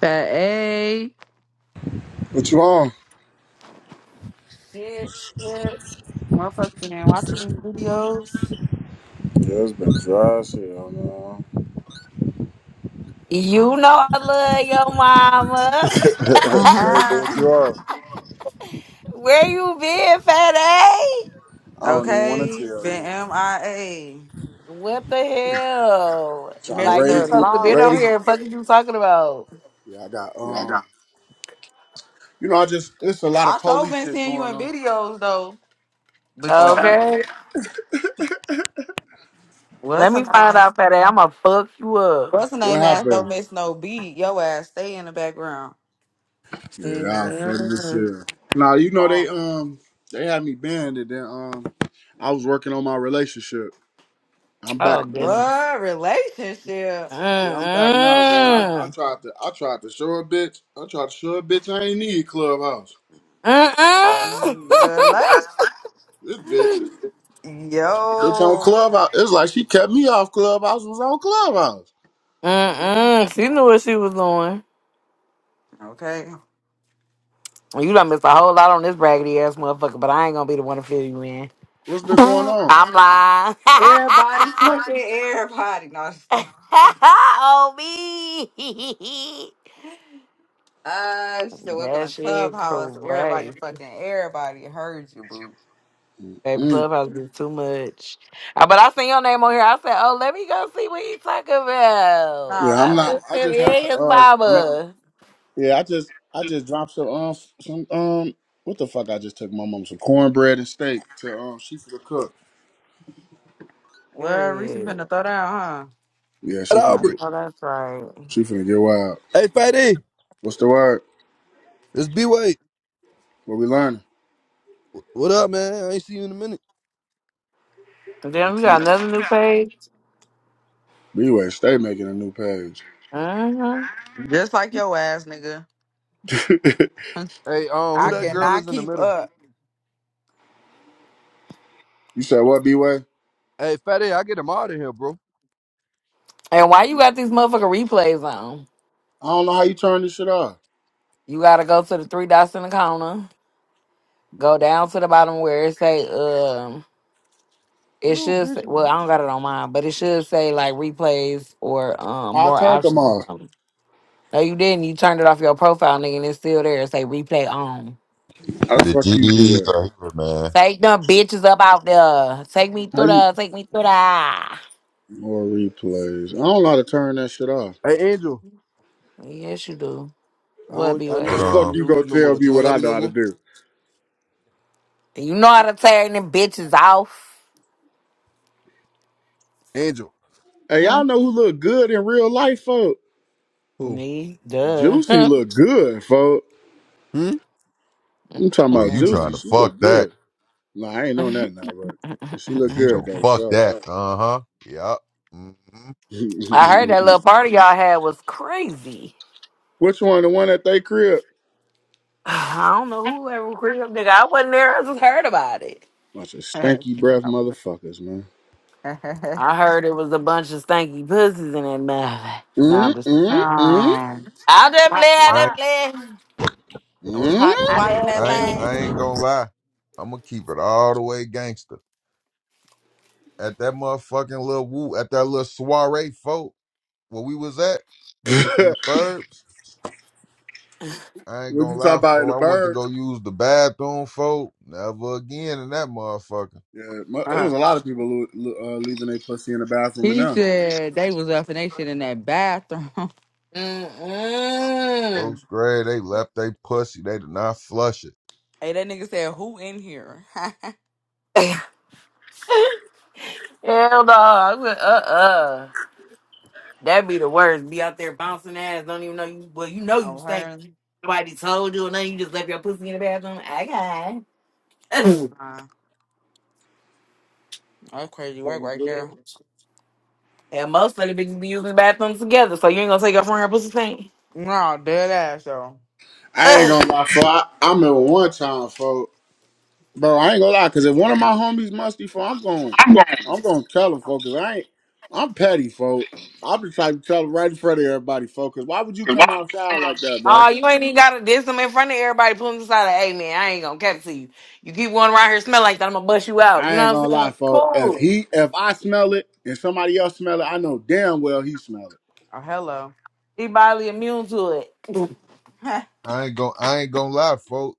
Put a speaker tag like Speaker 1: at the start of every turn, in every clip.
Speaker 1: Fat A.
Speaker 2: What you on?
Speaker 1: Shit, shit. Motherfucking and watching these videos.
Speaker 2: Yeah, it's been dry as hell, man.
Speaker 3: You know I love your mama.
Speaker 2: Hey, do what you
Speaker 1: Uh-huh.
Speaker 2: on?
Speaker 3: Where you been, fat A?
Speaker 2: I don't even want to
Speaker 1: Okay,
Speaker 2: tell
Speaker 1: been
Speaker 2: you.
Speaker 1: MIA.
Speaker 3: What the hell?
Speaker 2: Trying to
Speaker 3: Like you
Speaker 2: raise
Speaker 1: Mr.
Speaker 2: the
Speaker 3: supposed to been on
Speaker 2: raise.
Speaker 3: here.
Speaker 1: Lawless.
Speaker 3: Fuck is you talking about?
Speaker 2: Yeah, I got um. You know, I just it's a lot
Speaker 1: I
Speaker 2: of
Speaker 1: sure
Speaker 2: police
Speaker 1: been
Speaker 2: shit
Speaker 1: seeing you
Speaker 2: going
Speaker 1: in
Speaker 2: on.
Speaker 1: videos though. But
Speaker 2: Oh my,
Speaker 3: Okay.
Speaker 1: what's
Speaker 3: Let
Speaker 1: her
Speaker 3: me find
Speaker 1: name?
Speaker 3: out, fat A. I'ma fuck you up.
Speaker 1: What's her
Speaker 2: what
Speaker 1: name ass don't
Speaker 2: happened?
Speaker 1: miss no beat. Yo ass stay in the background.
Speaker 2: Yeah, I'm funny as
Speaker 3: Mm-mm.
Speaker 2: hell. Now you know
Speaker 1: Oh.
Speaker 2: they um they had me banned and then um I was working on my relationship. I'm
Speaker 3: Oh
Speaker 2: back now.
Speaker 3: goodness.
Speaker 1: What relationship?
Speaker 2: Yeah, I'm back now, man. I, I
Speaker 3: Mm-mm.
Speaker 2: tried to I tried to show a bitch. I tried to show a bitch I ain't need clubhouse.
Speaker 3: Mm-mm.
Speaker 1: Relation.
Speaker 2: This bitch. It's on
Speaker 1: Yo.
Speaker 2: Clubhouse. It's like she kept me off Clubhouse. Was on Clubhouse.
Speaker 3: Mm-mm. She knew what she was doing.
Speaker 1: Okay.
Speaker 3: You done missed a whole lot on this raggedy ass motherfucker, but I ain't gonna be the one to fill you in.
Speaker 2: What's been going on?
Speaker 3: I'm lying.
Speaker 1: Everybody, fucking everybody. No, I'm just saying.
Speaker 3: oh me.
Speaker 1: Uh, she said, welcome
Speaker 3: That
Speaker 1: to
Speaker 3: shit
Speaker 1: Clubhouse. Everybody,
Speaker 3: crazy.
Speaker 1: fucking everybody heard you, boo.
Speaker 3: Baby
Speaker 2: Mm.
Speaker 3: Clubhouse be too much. Uh, But I seen your name on here. I said, oh, let me go see what he talking about.
Speaker 1: Nah,
Speaker 2: Yeah, I'm
Speaker 3: I
Speaker 1: for
Speaker 2: not.
Speaker 3: been
Speaker 1: real.
Speaker 2: I
Speaker 3: sitting
Speaker 2: just have to
Speaker 3: in his
Speaker 2: uh make.
Speaker 3: mama.
Speaker 2: Yeah, I just I just dropped some um f- some um what the fuck? I just took my mom some cornbread and steak to um she for the cook.
Speaker 1: Well, Reese you
Speaker 3: Period.
Speaker 1: finna throw down,
Speaker 2: Yeah,
Speaker 4: Fat
Speaker 2: she finna
Speaker 3: I
Speaker 4: Albert.
Speaker 2: get
Speaker 3: know that's right.
Speaker 2: she finna get wild.
Speaker 4: Hey, Fat E.
Speaker 2: What's the word?
Speaker 4: It's B Wade.
Speaker 2: What we learning?
Speaker 4: What up, man? I ain't see you in a minute.
Speaker 3: And then you got another new page.
Speaker 2: B way, stay making a new page.
Speaker 3: Mm-hmm.
Speaker 1: huh? Just like your ass, nigga.
Speaker 4: Hey, um, who
Speaker 1: I
Speaker 4: that girl is
Speaker 1: cannot
Speaker 4: in the
Speaker 1: keep
Speaker 4: middle?
Speaker 1: up.
Speaker 2: you said what? B way?
Speaker 4: Hey, Fat E, I get him out of here, bro.
Speaker 3: And why
Speaker 2: I
Speaker 3: you got these motherfucking replays on?
Speaker 2: don't know how you turn this shit off.
Speaker 3: You gotta go to the three dots in the corner. Go down to the bottom where it say um it
Speaker 4: Little
Speaker 3: should
Speaker 4: bitch.
Speaker 3: say
Speaker 4: you
Speaker 3: well, I don't got it on mine, but it should say like replays or um
Speaker 2: I
Speaker 3: more
Speaker 2: turned them
Speaker 3: options or
Speaker 2: off.
Speaker 3: something. No, you didn't. You turned it off your profile, nigga, and it's still there. It say replay on.
Speaker 2: How the
Speaker 5: The
Speaker 2: fuck you do
Speaker 5: GDs
Speaker 2: that?
Speaker 5: are here, man.
Speaker 3: Take them bitches up out there. Take me
Speaker 2: How
Speaker 3: through
Speaker 2: you?
Speaker 3: the take me through the
Speaker 2: More replays. I don't know how to turn that shit off.
Speaker 4: Hey, Angel.
Speaker 3: Yes you do.
Speaker 4: I
Speaker 3: What
Speaker 4: don't.
Speaker 3: B
Speaker 4: I
Speaker 3: way?
Speaker 4: know
Speaker 5: Hold
Speaker 4: I don't
Speaker 2: Fuck
Speaker 4: come in
Speaker 5: on.
Speaker 2: you
Speaker 4: your
Speaker 2: gonna
Speaker 4: rooms no more,
Speaker 2: tell
Speaker 4: but
Speaker 2: me
Speaker 4: you don't
Speaker 2: what
Speaker 4: love
Speaker 2: I
Speaker 4: me
Speaker 2: know
Speaker 4: no
Speaker 2: how to
Speaker 4: more.
Speaker 2: do.
Speaker 3: You know how to turn them bitches off.
Speaker 4: Angel.
Speaker 2: Hey, y'all
Speaker 3: Mm,
Speaker 2: know who look good in real life, folk?
Speaker 4: Who?
Speaker 3: Me, duh.
Speaker 2: Juicy look good, folk.
Speaker 4: Hmm.
Speaker 2: I'm talking
Speaker 5: So
Speaker 2: about
Speaker 5: you trying
Speaker 2: Juicy.
Speaker 5: to
Speaker 3: Mm.
Speaker 2: She
Speaker 5: fuck
Speaker 2: look
Speaker 5: that?
Speaker 2: good. Nah, I ain't on that now, but but she
Speaker 5: So
Speaker 2: look
Speaker 5: He
Speaker 2: good
Speaker 5: gonna
Speaker 2: though,
Speaker 5: fuck
Speaker 2: sure.
Speaker 5: that? Uh huh. Yep. hmm
Speaker 3: I heard that little party y'all had was crazy.
Speaker 2: Which one? The one at they crib?
Speaker 3: I don't know who ever recruited up, nigga. I wasn't there. I just heard about it.
Speaker 2: Bunch of stanky breath motherfuckers, man.
Speaker 3: I heard it was a bunch of stanky pussies in that mouth. No,
Speaker 1: Hmm.
Speaker 2: Mm,
Speaker 3: I'm just.
Speaker 2: mm, mm,
Speaker 1: um,
Speaker 3: I just play.
Speaker 1: hot
Speaker 3: I
Speaker 5: I
Speaker 3: just
Speaker 1: twat.
Speaker 5: ain't,
Speaker 3: play.
Speaker 1: It was
Speaker 2: mm.
Speaker 1: hot
Speaker 3: I
Speaker 1: twat in
Speaker 3: just
Speaker 1: that
Speaker 5: I ain't,
Speaker 3: play.
Speaker 5: I
Speaker 1: thing.
Speaker 5: ain't gonna lie. I'm gonna keep it all the way gangster. At that motherfucking little woo, at that little soiree, folk, where we was at in the burbs. I ain't
Speaker 2: what
Speaker 5: gonna
Speaker 2: you talking
Speaker 5: lie,
Speaker 2: about in the
Speaker 5: folk. I went to
Speaker 2: bird?
Speaker 5: go use the bathroom, folk. Never again in that motherfucker.
Speaker 2: Yeah, mu- it
Speaker 1: Uh,
Speaker 2: was a lot of people lo- lo- uh, leaving their pussy in the bathroom and
Speaker 1: he
Speaker 2: now.
Speaker 1: said they was up and they shit in that bathroom.
Speaker 3: Mm-mm.
Speaker 5: Folks, great. they left they pussy. They did not flush it.
Speaker 1: hey, that nigga said, who in here? I
Speaker 3: Hell no. Uh-uh. That'd be the worst. Be out there bouncing ass. Don't even know you. Well, you know you stink.
Speaker 1: heard.
Speaker 3: Nobody told you or nothing. You just left your pussy in the bathroom. I Okay.
Speaker 1: Uh, that's crazy work right there.
Speaker 3: and most of the bitches be using the bathrooms together. So you ain't gonna take your friend her pussy stink.
Speaker 1: No, dead ass though.
Speaker 2: I ain't gonna lie, for I, I remember one time, for bro, I ain't gonna lie, cause if one of my homies musty, for I'm going, I'm gonna tell him, folks. Cause I ain't, I'm petty, folks. I'm the type to tell him right in front of everybody, folks. Cause why would you come outside like that, bro?
Speaker 3: Oh, you ain't even gotta diss them in front of everybody. Pull them aside. Like, hey man, I ain't gonna cap to you. You keep going around here smell like that, I'm gonna bust you out. You
Speaker 2: I ain't
Speaker 3: know what
Speaker 2: gonna
Speaker 3: I'm saying?
Speaker 2: lie, folks. If
Speaker 3: Cool.
Speaker 2: he, if I smell it and somebody else smell it, I know damn well he smell it.
Speaker 1: Oh hello.
Speaker 3: He bodily immune to it.
Speaker 5: I ain't gonna, I ain't gonna lie, folk.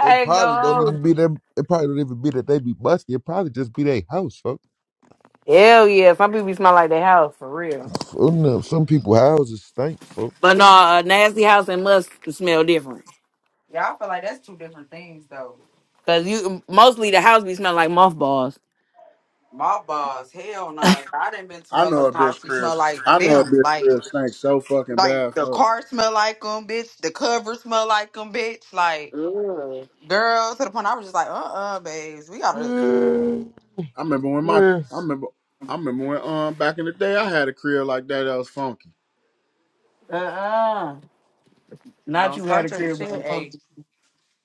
Speaker 5: It
Speaker 3: ain't
Speaker 5: probably don't
Speaker 3: go.
Speaker 5: even be them. It probably don't even be that they be musty. It probably just be their house, folk.
Speaker 3: Hell yeah. Some people smell like their house for real.
Speaker 5: Oh, no, Some people houses stink, folk.
Speaker 3: But no, a nasty house and must smell different.
Speaker 1: Y'all feel like that's two different things though.
Speaker 3: Cause you mostly the house be smelling like mothballs.
Speaker 1: My boss, hell no. I done been to
Speaker 2: I know a
Speaker 1: motherfucking
Speaker 2: bitch
Speaker 1: house who smell
Speaker 2: Chris.
Speaker 1: like
Speaker 2: I know a
Speaker 1: them.
Speaker 2: bitch
Speaker 1: Like
Speaker 2: Chris stinks so fucking bad,
Speaker 1: like the
Speaker 2: folks.
Speaker 1: car smell like them, bitch. The cover smell like them, bitch. Like
Speaker 3: Ugh.
Speaker 1: girl, to the point I was just like, uh uh babes, we gotta
Speaker 5: Yeah,
Speaker 2: I remember when my,
Speaker 5: yeah.
Speaker 2: I remember. I remember when um back in the day I had a crib like that that was fun.
Speaker 3: Uh-uh. Not
Speaker 1: don't
Speaker 3: you had
Speaker 1: start
Speaker 3: a
Speaker 1: your
Speaker 3: crib by
Speaker 1: shit. Hey,
Speaker 3: something.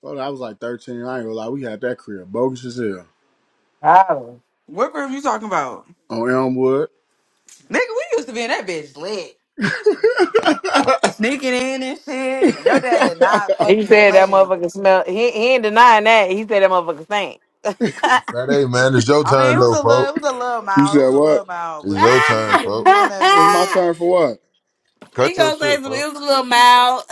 Speaker 2: Well, I was like 13. I ain't gonna lie. We had that crib bogus as hell
Speaker 1: what group you talking about?
Speaker 2: on Elmwood.
Speaker 1: Nigga, we used to be in that bitch lit. Sneaking in and shit. Your dad did not
Speaker 3: He
Speaker 1: fucking
Speaker 3: said that
Speaker 1: play.
Speaker 3: motherfucker smell. He, he ain't denying that. He said that motherfucker stink.
Speaker 5: Friday, man. It's your
Speaker 1: I mean, it
Speaker 5: turn
Speaker 1: was
Speaker 5: though,
Speaker 1: a little, it
Speaker 5: folk.
Speaker 1: was a little
Speaker 2: you
Speaker 1: mild, it
Speaker 2: said
Speaker 1: was a
Speaker 2: what?
Speaker 1: little mild,
Speaker 5: It's
Speaker 1: but bitch,
Speaker 5: your
Speaker 3: Ah,
Speaker 1: you
Speaker 5: turn,
Speaker 1: just should
Speaker 5: folk.
Speaker 1: be in that
Speaker 2: It's my
Speaker 1: bitch.
Speaker 2: turn for what?
Speaker 3: she
Speaker 5: Cut your
Speaker 3: gonna say
Speaker 5: shit,
Speaker 3: some.
Speaker 5: folk.
Speaker 3: It was a little mild.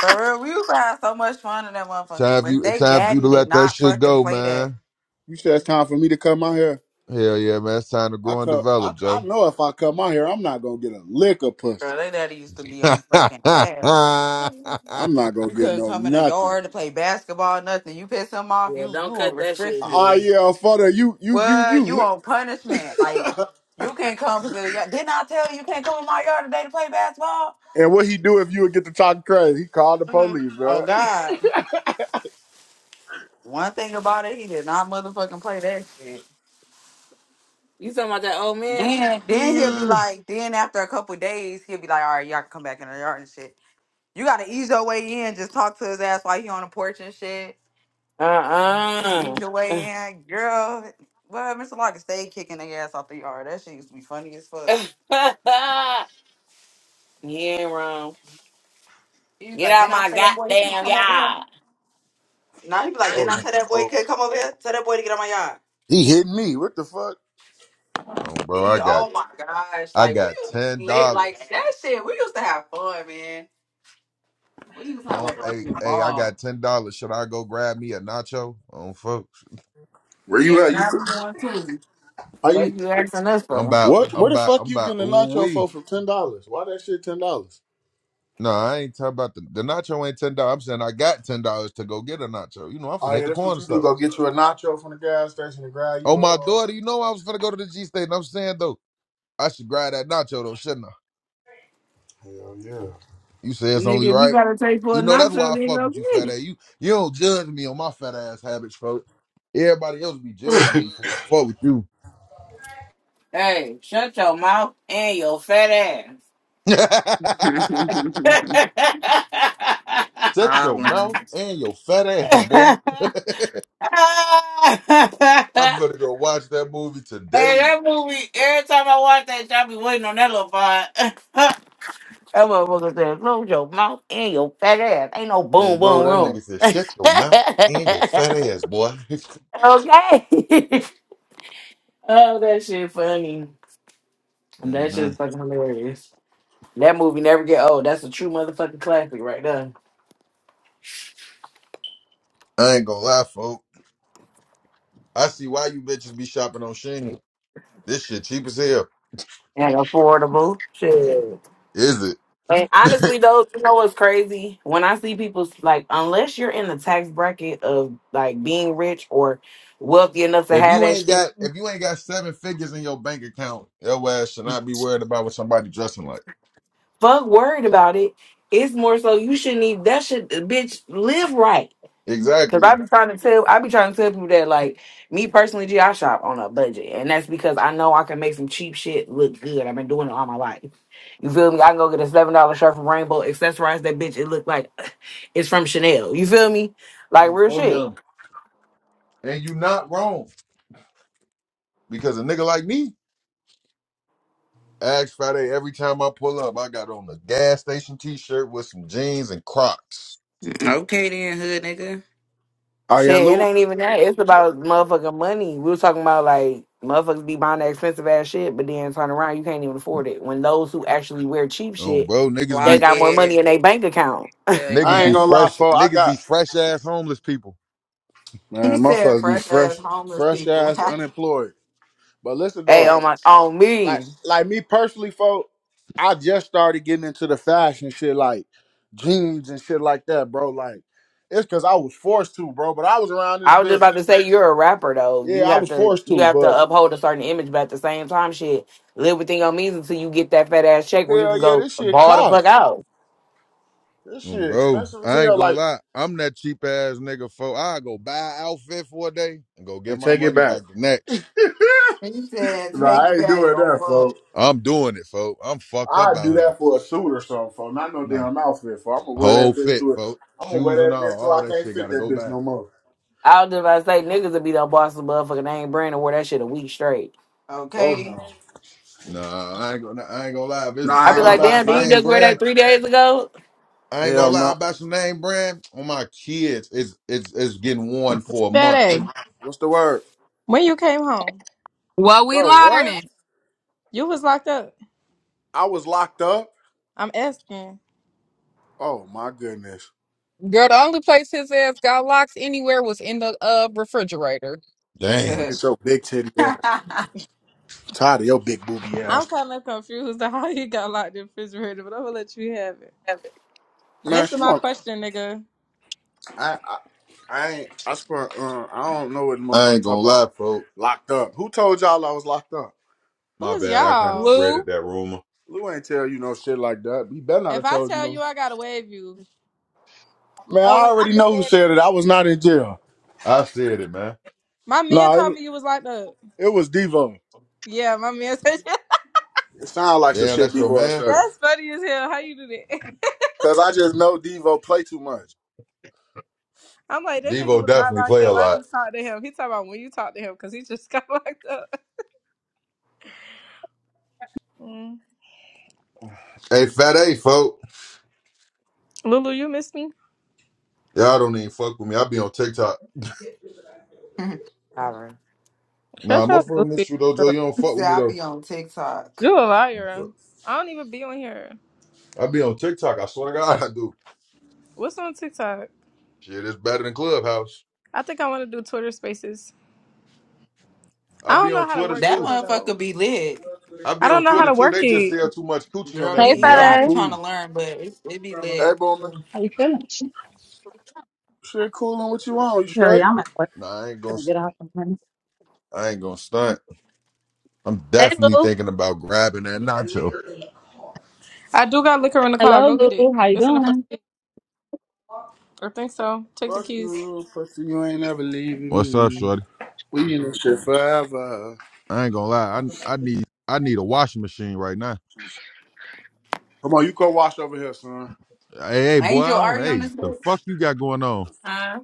Speaker 1: For real, we used to have so much fun in that
Speaker 5: It's
Speaker 1: motherfucker,
Speaker 5: time for
Speaker 1: but
Speaker 5: you. It's
Speaker 1: they
Speaker 5: time for you
Speaker 1: daddy
Speaker 5: to
Speaker 1: did
Speaker 5: let that
Speaker 1: not
Speaker 5: shit
Speaker 1: fucking
Speaker 5: go,
Speaker 1: play that.
Speaker 5: man.
Speaker 2: You said it's time for me to cut my hair.
Speaker 5: Hell yeah, man. It's time to
Speaker 2: I
Speaker 5: grow and
Speaker 2: cut.
Speaker 5: develop,
Speaker 2: I, I
Speaker 5: Joe.
Speaker 2: know if I cut my hair, I'm not gonna get a lick of pussy.
Speaker 1: Girl, they daddy used to be on
Speaker 5: oh,
Speaker 1: fucking ass.
Speaker 2: I'm not gonna
Speaker 1: You
Speaker 2: get
Speaker 1: couldn't
Speaker 2: no
Speaker 1: come in the
Speaker 2: nothing.
Speaker 1: yard to play basketball, nothing. You piss him off,
Speaker 3: yeah,
Speaker 1: you you
Speaker 3: don't
Speaker 1: on
Speaker 3: cut that shit,
Speaker 1: restriction.
Speaker 2: Oh
Speaker 3: G.
Speaker 2: yeah, father, you you you
Speaker 1: Well,
Speaker 2: you.
Speaker 1: you
Speaker 2: Lick.
Speaker 1: on punishment. Like you can't come to the yard. Didn't I tell you you can't come in my yard today to play basketball?
Speaker 2: and what he do if you would get to talking crazy? He called the
Speaker 1: Mhm.
Speaker 2: police,
Speaker 1: Oh
Speaker 2: man.
Speaker 1: God. One thing about it, he did not motherfucking play that shit.
Speaker 3: You talking about that old man?
Speaker 1: Then then he'll be like, then after a couple days, he'll be like, all right, y'all can come back in the yard and shit. You gotta ease your way in. Just talk to his ass while he on the porch and shit.
Speaker 3: Uh
Speaker 1: Ease your way
Speaker 3: uh
Speaker 1: in, girl. Well, Mr. Locker stayed kicking their ass off the yard. That shit used to be funny as fuck.
Speaker 3: You ain't wrong.
Speaker 1: He was
Speaker 3: Get
Speaker 1: like,
Speaker 3: out
Speaker 1: didn't I
Speaker 3: my
Speaker 1: tell that boy he could
Speaker 3: goddamn
Speaker 1: come over here?
Speaker 3: yard.
Speaker 1: Now he be like, didn't I
Speaker 2: Oh,
Speaker 1: tell that boy he could come over here? Tell that boy to get on my yard.
Speaker 2: He hit me. What the fuck?
Speaker 5: bro,
Speaker 1: He,
Speaker 5: I got
Speaker 1: oh my gosh,
Speaker 5: I
Speaker 1: like we
Speaker 5: got
Speaker 1: used to be
Speaker 5: ten
Speaker 1: lit, like
Speaker 5: dollars.
Speaker 1: that shit. We used to have fun, man. We used to have a
Speaker 5: Oh, hey,
Speaker 1: fucking
Speaker 5: hey, I
Speaker 1: ball.
Speaker 5: got ten dollars. Should I go grab me a nacho? Oh, folks,
Speaker 2: where
Speaker 1: Yeah,
Speaker 2: you at? You
Speaker 1: now we going too.
Speaker 2: are you?
Speaker 3: What you asking us
Speaker 5: I'm
Speaker 3: for?
Speaker 5: about,
Speaker 2: What?
Speaker 5: I'm
Speaker 2: Where the
Speaker 5: about,
Speaker 2: fuck
Speaker 5: I'm
Speaker 2: you
Speaker 5: about.
Speaker 2: getting a
Speaker 5: Ooh
Speaker 2: nacho for
Speaker 5: wee.
Speaker 2: for ten dollars? Why that shit ten dollars?
Speaker 5: No, I ain't talking about the the nacho. Ain't ten dollars. I'm saying I got ten dollars to go get a nacho. You know, I'm finna
Speaker 2: Oh
Speaker 5: hit
Speaker 2: yeah,
Speaker 5: the
Speaker 2: that's what
Speaker 5: corner
Speaker 2: you do.
Speaker 5: store.
Speaker 2: Go get you a nacho from the gas station and grab
Speaker 5: Oh,
Speaker 2: you
Speaker 5: my
Speaker 2: a. Uh...
Speaker 5: daughter, you know I was finna go to the G State, and I'm saying though, I should grab that nacho though, shouldn't I?
Speaker 2: Hell yeah.
Speaker 5: You say it's only
Speaker 3: Nigga, if you
Speaker 5: right.
Speaker 3: gotta take for a
Speaker 5: You know that's why
Speaker 3: nacho,
Speaker 5: I
Speaker 3: then
Speaker 5: fuck
Speaker 3: go
Speaker 5: with you,
Speaker 3: get
Speaker 5: fat
Speaker 3: it.
Speaker 5: ass. You you don't judge me on my fat ass habits, folks. Everybody else be judging me for I fuck with you.
Speaker 3: Hey, shut your mouth and your fat
Speaker 5: Shut your
Speaker 1: Hollering.
Speaker 5: mouth and your fat ass, boy.
Speaker 3: ass.
Speaker 5: I'm gonna go watch that movie
Speaker 3: Hey,
Speaker 5: today.
Speaker 3: that movie, every time I watch that, I be waiting on that little part. that motherfucker said, close your mouth and your fat ass. Ain't no
Speaker 5: Um,
Speaker 3: boom,
Speaker 5: bro,
Speaker 3: boom,
Speaker 5: that
Speaker 3: room.
Speaker 5: nigga said, shut your mouth and your fat
Speaker 3: okay.
Speaker 5: ass, boy.
Speaker 3: oh, that shit funny. That
Speaker 5: hmm
Speaker 3: shit fucking hilarious. That movie never get old. That's a true motherfucking classic right there.
Speaker 5: I ain't gonna lie, folk. I see why you bitches be shopping on Shein. This shit cheap as hell.
Speaker 3: And affordable. Shit.
Speaker 5: Is it?
Speaker 3: And honestly though, you know what's crazy? When I see people like unless you're in the tax bracket of like being rich or wealthy enough to
Speaker 5: if
Speaker 3: have
Speaker 5: you
Speaker 3: that
Speaker 5: ain't
Speaker 3: shit,
Speaker 5: got if you ain't got seven figures in your bank account, your ass should not be worried about what somebody dressing like.
Speaker 3: fuck worried about it. It's more so you shouldn't even that should bitch live right. Cause
Speaker 5: Exactly.
Speaker 3: I be trying to tell I be trying to tell people that like me personally, G, I shop on a budget. And that's because I know I can make some cheap shit look good. I've been doing it all my life. You feel me? I can go get a seven dollar shirt from Rainbow, accessorize that bitch. It look like it's from Chanel. You feel me? Like
Speaker 5: Oh,
Speaker 3: real
Speaker 5: for
Speaker 3: shit.
Speaker 5: now. And you not wrong. Because a nigga like me, Ask Friday, every time I pull up, I got on a gas station t-shirt with some jeans and Crocs.
Speaker 1: Okay then, hood nigga.
Speaker 2: oh yeah,
Speaker 3: Shit, it
Speaker 2: Lou.
Speaker 3: ain't even that. It's about motherfucking money. We was talking about like motherfuckers be buying that expensive ass shit, but then turn around, you can't even afford it. When those who actually wear cheap
Speaker 5: Um,
Speaker 3: shit
Speaker 5: bro, niggas
Speaker 3: They
Speaker 1: Block
Speaker 5: be
Speaker 3: got more money
Speaker 1: it.
Speaker 3: in their bank account.
Speaker 1: Hell
Speaker 2: I
Speaker 5: niggas
Speaker 2: ain't
Speaker 5: be
Speaker 1: yeah.
Speaker 2: gonna lie,
Speaker 5: fresh,
Speaker 2: for I
Speaker 5: niggas be
Speaker 2: got
Speaker 5: fresh ass homeless people.
Speaker 1: He
Speaker 2: man,
Speaker 1: said
Speaker 2: motherfuckers be
Speaker 1: fresh ass
Speaker 2: fresh,
Speaker 1: homeless
Speaker 2: fresh
Speaker 1: people.
Speaker 2: ass unemployed. But listen
Speaker 3: Hey,
Speaker 2: though,
Speaker 3: on
Speaker 1: back.
Speaker 3: my on
Speaker 2: like
Speaker 3: me.
Speaker 2: like me personally, folk, I just started getting into the fashion shit, like jeans and shit like that, bro. Like it's because I was forced to, bro. But I was around this
Speaker 3: I was just
Speaker 2: bitch.
Speaker 3: about to say you're a rapper though.
Speaker 2: Yeah,
Speaker 3: You
Speaker 2: I
Speaker 3: have
Speaker 2: was
Speaker 3: to
Speaker 2: forced
Speaker 3: you
Speaker 2: to,
Speaker 3: have to
Speaker 2: but.
Speaker 3: uphold a certain image, but at the same time, shit, live within your means until you get that fat ass check where you can
Speaker 2: Hell yeah,
Speaker 3: go
Speaker 2: this shit
Speaker 3: ball the
Speaker 2: cost.
Speaker 3: fuck out.
Speaker 2: This
Speaker 5: Um,
Speaker 2: shit
Speaker 5: bro,
Speaker 2: expensive as
Speaker 5: I ain't
Speaker 2: hell.
Speaker 5: gonna
Speaker 2: Like,
Speaker 5: lie, I'm that cheap ass nigga. For I go buy an outfit for a day and go get
Speaker 2: and
Speaker 5: my
Speaker 2: take it
Speaker 5: money
Speaker 2: back.
Speaker 5: back the next.
Speaker 1: He said
Speaker 2: Nah,
Speaker 1: take
Speaker 2: I
Speaker 1: it
Speaker 2: ain't
Speaker 1: back
Speaker 2: doing
Speaker 1: on
Speaker 2: that,
Speaker 1: fuck.
Speaker 2: folks.
Speaker 5: I'm doing it, folk. I'm fucked up
Speaker 2: I'd
Speaker 5: out
Speaker 2: do
Speaker 5: here.
Speaker 2: that for a suit or something, folks. Not no
Speaker 5: Nah,
Speaker 2: damn outfit, folks. I'm gonna wear
Speaker 5: whole
Speaker 2: that bitch
Speaker 5: fit,
Speaker 2: to it.
Speaker 5: folk.
Speaker 2: I'm gonna wear
Speaker 5: Shoes and
Speaker 2: that bitch
Speaker 5: all,
Speaker 2: till
Speaker 5: all
Speaker 2: I
Speaker 5: that
Speaker 2: can't
Speaker 5: shit
Speaker 2: fit
Speaker 5: gotta
Speaker 2: that
Speaker 5: go
Speaker 2: bitch
Speaker 5: back.
Speaker 2: no more.
Speaker 3: I was just about to say niggas would be the boss of motherfucking name brand and wear that shit a week straight.
Speaker 2: Folks,
Speaker 1: Okay.
Speaker 2: no.
Speaker 5: Nah, I ain't gonna, I ain't gonna lie. If,
Speaker 2: No,
Speaker 5: it's,
Speaker 2: I
Speaker 3: I'd
Speaker 5: if
Speaker 3: be
Speaker 2: ain't
Speaker 5: I
Speaker 1: Nah.
Speaker 2: gonna
Speaker 3: like,
Speaker 5: buy
Speaker 2: lie.
Speaker 3: damn,
Speaker 2: If
Speaker 5: some
Speaker 3: did
Speaker 2: I
Speaker 3: you
Speaker 5: name
Speaker 3: just wear
Speaker 5: brand.
Speaker 3: that three days ago?
Speaker 5: I
Speaker 1: he
Speaker 5: ain't gonna
Speaker 2: hell
Speaker 1: said
Speaker 5: lie
Speaker 2: no.
Speaker 5: about your name brand on my kids. It's it's it's getting worn for a month.
Speaker 6: Daddy,
Speaker 2: What's the word,
Speaker 6: when you came home,
Speaker 7: What we
Speaker 2: bro? What?
Speaker 7: learning?
Speaker 6: you was locked up.
Speaker 2: I was locked up.
Speaker 6: I'm asking.
Speaker 2: Oh my goodness.
Speaker 7: Girl, the only place his ass got locked anywhere was in the uh refrigerator.
Speaker 5: Damn.
Speaker 2: Look at your big titty ass. Tired of your big booby
Speaker 6: I'm
Speaker 2: ass.
Speaker 6: kind of confused on how you got locked in the refrigerator, but I'm gonna let you have it.
Speaker 2: Man,
Speaker 6: Answer
Speaker 2: she
Speaker 6: my
Speaker 2: want
Speaker 6: question, nigga.
Speaker 2: I I, I ain't I spent uh, I don't know what the
Speaker 5: I
Speaker 2: motherfucker
Speaker 5: ain't gonna
Speaker 2: talk about.
Speaker 5: lie, folks.
Speaker 2: Locked up. Who told y'all I was locked up?
Speaker 6: Who
Speaker 5: My
Speaker 6: is
Speaker 5: bad. I kind of
Speaker 6: y'all?
Speaker 7: Lou,
Speaker 5: spreaded that rumor.
Speaker 2: Lou ain't tell you no shit like that. He better not
Speaker 6: If
Speaker 2: have
Speaker 6: I
Speaker 2: told you
Speaker 6: tell
Speaker 2: no.
Speaker 6: you, I gotta wave you.
Speaker 2: Man, I
Speaker 6: Oh wait, I
Speaker 2: already
Speaker 6: can
Speaker 2: know
Speaker 6: say
Speaker 2: who
Speaker 6: it. In
Speaker 2: said it. I was not in jail.
Speaker 5: I said it, man.
Speaker 6: my man
Speaker 2: No, it
Speaker 6: told
Speaker 2: was,
Speaker 6: me you was locked up.
Speaker 2: it was Devo.
Speaker 6: Yeah, my man said
Speaker 2: It sounds like some
Speaker 5: Damn,
Speaker 2: shit
Speaker 5: that's your
Speaker 2: Devo
Speaker 5: man.
Speaker 2: said.
Speaker 6: that's funny as hell. How you do that?
Speaker 2: Cause I just know Devo play too much.
Speaker 6: I'm like that nigga
Speaker 5: Devo
Speaker 6: was not
Speaker 5: definitely
Speaker 6: locked
Speaker 5: play a
Speaker 6: up. I
Speaker 5: lot.
Speaker 6: just talked to him. He talking about when you talked to him because he just got locked up. Mm.
Speaker 5: Hey, fat A, folk.
Speaker 6: Lulu, you miss me?
Speaker 5: Y'all don't even fuck with me. I be on TikTok.
Speaker 3: All right.
Speaker 5: Nah,
Speaker 6: Shut your
Speaker 5: motherfucker, miss
Speaker 6: goofy.
Speaker 5: you though,
Speaker 6: ass
Speaker 5: Joe. You don't fuck with me
Speaker 1: I
Speaker 5: though.
Speaker 1: be on TikTok.
Speaker 6: You a liar. I don't even be on here.
Speaker 5: I be on TikTok. I swear to God, I do.
Speaker 6: What's on TikTok?
Speaker 5: Shit, it's better than Clubhouse.
Speaker 6: I think I want to do Twitter spaces. I
Speaker 5: I
Speaker 6: don't
Speaker 5: be on
Speaker 6: know how to
Speaker 5: Twitter
Speaker 6: work
Speaker 1: That
Speaker 5: too.
Speaker 6: Twitter
Speaker 1: motherfucker
Speaker 6: though.
Speaker 1: be lit.
Speaker 5: I
Speaker 6: I
Speaker 5: be on
Speaker 6: don't know how
Speaker 5: Twitter
Speaker 6: to
Speaker 5: too.
Speaker 6: work
Speaker 5: They just
Speaker 6: it.
Speaker 5: sell too much coochie on
Speaker 1: Girl,
Speaker 5: that for
Speaker 8: Hey,
Speaker 1: me
Speaker 5: me.
Speaker 1: either.
Speaker 5: I
Speaker 1: I
Speaker 5: be
Speaker 1: be
Speaker 8: Fada.
Speaker 1: trying to
Speaker 5: cool.
Speaker 1: learn, but it, it be
Speaker 2: Hey
Speaker 1: lit.
Speaker 2: Boomer.
Speaker 8: How you feeling?
Speaker 2: Shit cool what you want, you
Speaker 8: Hell
Speaker 2: straight?
Speaker 8: yeah, I'm at work.
Speaker 5: Nah, I ain't gonna.
Speaker 8: Gonna get out some money.
Speaker 5: I ain't gonna stunt. I'm
Speaker 8: Hey
Speaker 5: definitely
Speaker 8: Lou.
Speaker 5: thinking about grabbing that nacho.
Speaker 6: I do got liquor in the car.
Speaker 8: Hello
Speaker 6: Go get it.
Speaker 8: Lou. How you
Speaker 6: It's in the front.
Speaker 8: doing?
Speaker 6: I think so. Take the
Speaker 2: Fuck
Speaker 6: keys.
Speaker 2: you, pussy, you ain't never leaving
Speaker 5: What's up,
Speaker 2: me.
Speaker 5: shorty?
Speaker 2: We in this shit forever.
Speaker 5: I ain't gonna lie. I I need I need a washing machine right now.
Speaker 2: Come on, you go wash over here, son.
Speaker 5: Hey, hey, boy.
Speaker 1: Angel,
Speaker 5: I
Speaker 1: are
Speaker 5: don't,
Speaker 1: you on
Speaker 5: hey,
Speaker 1: this
Speaker 5: the
Speaker 1: bitch?
Speaker 5: fuck you got going on?
Speaker 3: Huh?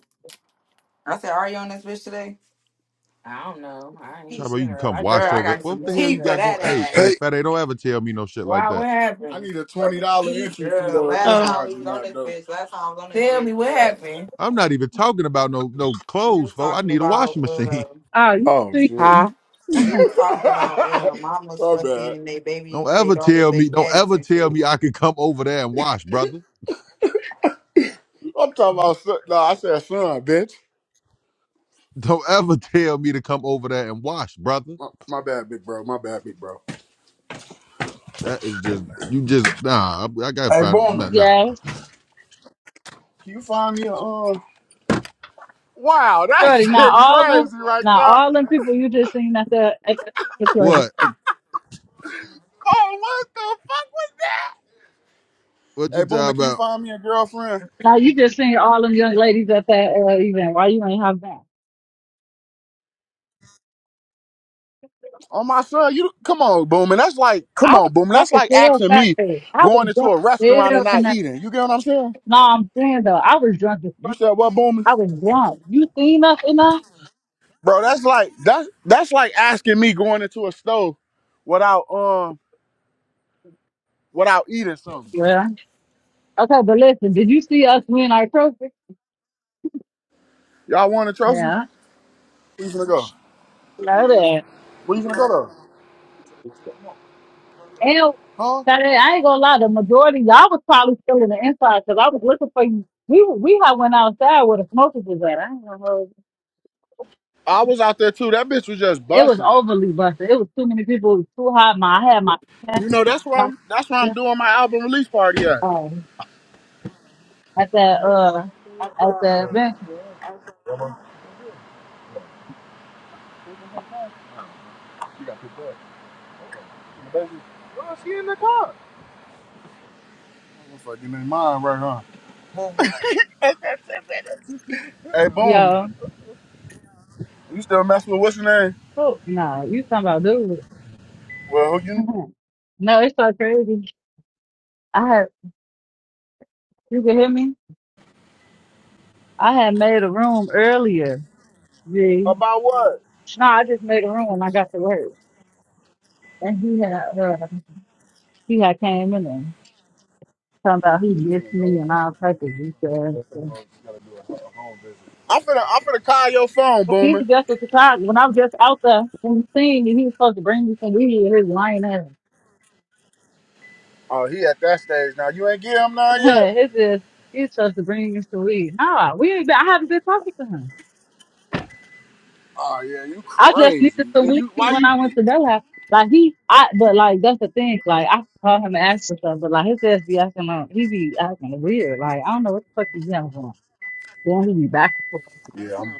Speaker 1: I said, are you on this bitch today?
Speaker 3: I don't know. I ain't even
Speaker 5: Chavo,
Speaker 3: seen
Speaker 5: you can
Speaker 3: her.
Speaker 5: come
Speaker 3: I just
Speaker 1: Her,
Speaker 5: wash
Speaker 3: got
Speaker 1: I
Speaker 3: on
Speaker 5: over it.
Speaker 1: got
Speaker 5: What
Speaker 1: some
Speaker 5: the hell
Speaker 1: tea
Speaker 5: you
Speaker 3: here.
Speaker 1: for
Speaker 5: got going?
Speaker 1: that
Speaker 5: Hey,
Speaker 1: ass.
Speaker 5: hey,
Speaker 2: Hey.
Speaker 5: fat. don't ever tell me no shit like
Speaker 3: Wow,
Speaker 5: that.
Speaker 3: what
Speaker 2: I
Speaker 3: happened?
Speaker 2: need a twenty dollar entry fee
Speaker 1: Girl,
Speaker 2: though at
Speaker 1: last
Speaker 2: this
Speaker 6: Oh.
Speaker 1: time we
Speaker 2: laundry
Speaker 1: was on
Speaker 2: mat
Speaker 1: this
Speaker 2: though.
Speaker 1: bitch, last time I was on this
Speaker 3: Tell
Speaker 1: bitch,
Speaker 3: me what
Speaker 1: girl,
Speaker 3: happened.
Speaker 5: I'm not even talking about no no
Speaker 1: we
Speaker 5: clothes,
Speaker 1: was
Speaker 5: folks. I
Speaker 1: talking
Speaker 5: need a
Speaker 1: about
Speaker 5: washing
Speaker 1: uh
Speaker 5: machine.
Speaker 8: Oh, you
Speaker 2: Oh shit.
Speaker 3: Huh?
Speaker 8: sleeping.
Speaker 2: my
Speaker 1: we was talking about uh mama's
Speaker 2: bad.
Speaker 1: fucking they
Speaker 5: Don't
Speaker 1: baby they
Speaker 5: ever
Speaker 1: daughter's
Speaker 5: tell me.
Speaker 1: baby
Speaker 5: Don't
Speaker 1: daddies
Speaker 5: ever
Speaker 1: and
Speaker 5: tell
Speaker 1: shit.
Speaker 5: me I can come over there and wash, brother.
Speaker 2: I'm talking about son. No, I said son, bitch.
Speaker 5: Don't ever tell me to come over there and wash, brother.
Speaker 2: My, my bad, big bro. My bad, big bro.
Speaker 5: That is just you just nah. I, I gotta
Speaker 2: Hey
Speaker 5: find it. Nah,
Speaker 2: Boomer,
Speaker 5: nah.
Speaker 8: yeah.
Speaker 2: can you find me a um Wow, that
Speaker 8: Shorty, now
Speaker 2: shit
Speaker 8: all them
Speaker 2: crazy right
Speaker 8: now
Speaker 2: there.
Speaker 8: all them people you just seen at the at the what's the
Speaker 5: What?
Speaker 2: Oh, what the fuck was that?
Speaker 5: What you
Speaker 2: Hey
Speaker 5: talking
Speaker 2: Boomer, can
Speaker 5: about?
Speaker 2: you find me a girlfriend?
Speaker 8: now you just seen all them young ladies at that uh, event. Why you ain't have that?
Speaker 2: Oh my son, you come on, Boomer. That's like,
Speaker 8: I
Speaker 2: come
Speaker 8: was
Speaker 2: on, Boomer.
Speaker 8: drunk
Speaker 2: That's
Speaker 8: as
Speaker 2: like
Speaker 8: hell
Speaker 2: asking
Speaker 8: fat
Speaker 2: me
Speaker 8: face. I
Speaker 2: going
Speaker 8: was
Speaker 2: into
Speaker 8: drunk
Speaker 2: a
Speaker 8: as
Speaker 2: restaurant and
Speaker 8: hell in
Speaker 2: not
Speaker 8: that
Speaker 2: eating. You get what I'm saying?
Speaker 8: no, I'm saying though, I was drunk as
Speaker 2: You
Speaker 8: fuck.
Speaker 2: said what, Boomer?
Speaker 8: I was drunk. You seen us enough?
Speaker 2: Bro, that's like that's that's like asking me going into a stove without um without eating something.
Speaker 8: Yeah. Okay, but listen, did you see us win our trophy?
Speaker 2: Y'all want a trophy?
Speaker 8: Yeah,
Speaker 2: Where you gonna go?
Speaker 8: know that.
Speaker 2: Where you gonna go though?
Speaker 8: And
Speaker 2: Huh?
Speaker 8: Saturday, I ain't gonna lie, the majority of y'all was probably still in the inside because I was looking for you. We we had went outside where the smokers was at. I don't know.
Speaker 2: I was out there too. That bitch was just
Speaker 8: It was
Speaker 2: busting.
Speaker 8: overly busted. It was too many people. It was too hot. My I had my
Speaker 2: You know that's where
Speaker 8: my
Speaker 2: I'm that's where I'm doing my album release party at.
Speaker 8: um, at that uh at the event.
Speaker 2: You got picked up. The baby. Well, she in the car. Fucking in mine right huh? Hey, boom.
Speaker 8: Yo,
Speaker 2: You still messing with what's her name?
Speaker 8: no, nah, you talking about dude?
Speaker 2: Well, who you
Speaker 8: no, it's so crazy. I had you can hear me. I had made a room earlier. Yeah.
Speaker 2: about what?
Speaker 8: No, I just made a room when I got to work, and he had. uh, He had came in and talking about he
Speaker 2: She's in the
Speaker 8: missed me and all types of good stuff. So,
Speaker 2: I'm finna, I'm finna call your phone,
Speaker 8: He
Speaker 2: Boomer.
Speaker 8: was just as surprised when I was just out there and he seen and he was supposed to bring me some weed. His lying ass.
Speaker 2: Oh, he at that stage now. You ain't get him none yet.
Speaker 8: it's just he's supposed to bring me some weed. Nah, we ain't been, I haven't been talking to him.
Speaker 2: Oh yeah, you
Speaker 8: I just needed
Speaker 2: crazy.
Speaker 8: some
Speaker 2: And
Speaker 8: weed
Speaker 2: you, why
Speaker 8: when
Speaker 2: you?
Speaker 8: I went to their house. Like he, I but like that's the thing. Like I call him and ask for stuff, but like his ass be acting like he be acting weird. Like I don't know what the fuck he's doing. Then he be back and forth.
Speaker 2: Yeah, I'm.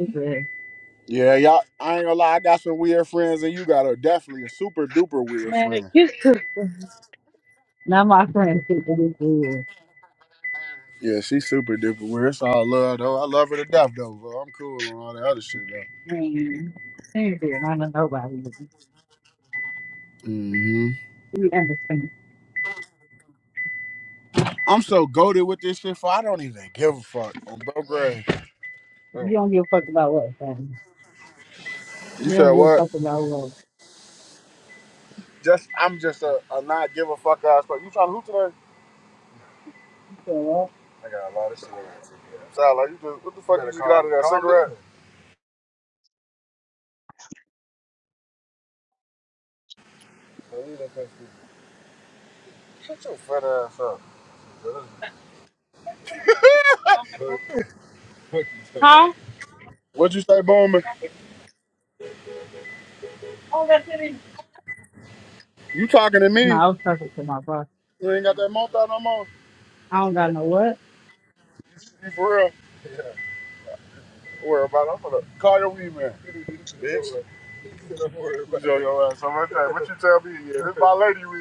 Speaker 8: His ass.
Speaker 2: Yeah, y'all. I ain't gonna lie. I got some weird friends, and you got a definitely a super duper weird
Speaker 8: Man,
Speaker 2: friend.
Speaker 8: get you. Now my friends think that we good.
Speaker 2: Yeah, she's super duper weird. It's all love though. I love her to death though. Bro. I'm cool and all that other shit though.
Speaker 8: Man, ain't good. I don't know nobody.
Speaker 2: hmm
Speaker 8: We understand.
Speaker 2: I'm so goaded with this shit. For I don't even give a fuck. On bro, Gray.
Speaker 8: We
Speaker 2: Bro.
Speaker 8: don't give a fuck about what, man.
Speaker 2: You
Speaker 8: We
Speaker 2: said
Speaker 8: don't give a
Speaker 2: what?
Speaker 8: fuck about what.
Speaker 2: Just I'm just a, a not give a fuck ass. But you trying to hoot today?
Speaker 8: You said what?
Speaker 2: Sound like you just what the fuck you just got out of that cigarette?
Speaker 8: Huh?
Speaker 2: What'd you say, Bowman?
Speaker 8: Oh, that's it.
Speaker 2: You talking to
Speaker 8: No,
Speaker 2: me?
Speaker 8: I was talking to my boss.
Speaker 2: You ain't got that mouth out no more.
Speaker 8: I don't got no what.
Speaker 2: You for real? Don't worry about it. I'm gonna call your weed man. Bitch. Enjoy your ass. Okay, what you tell me? This is my lady weed.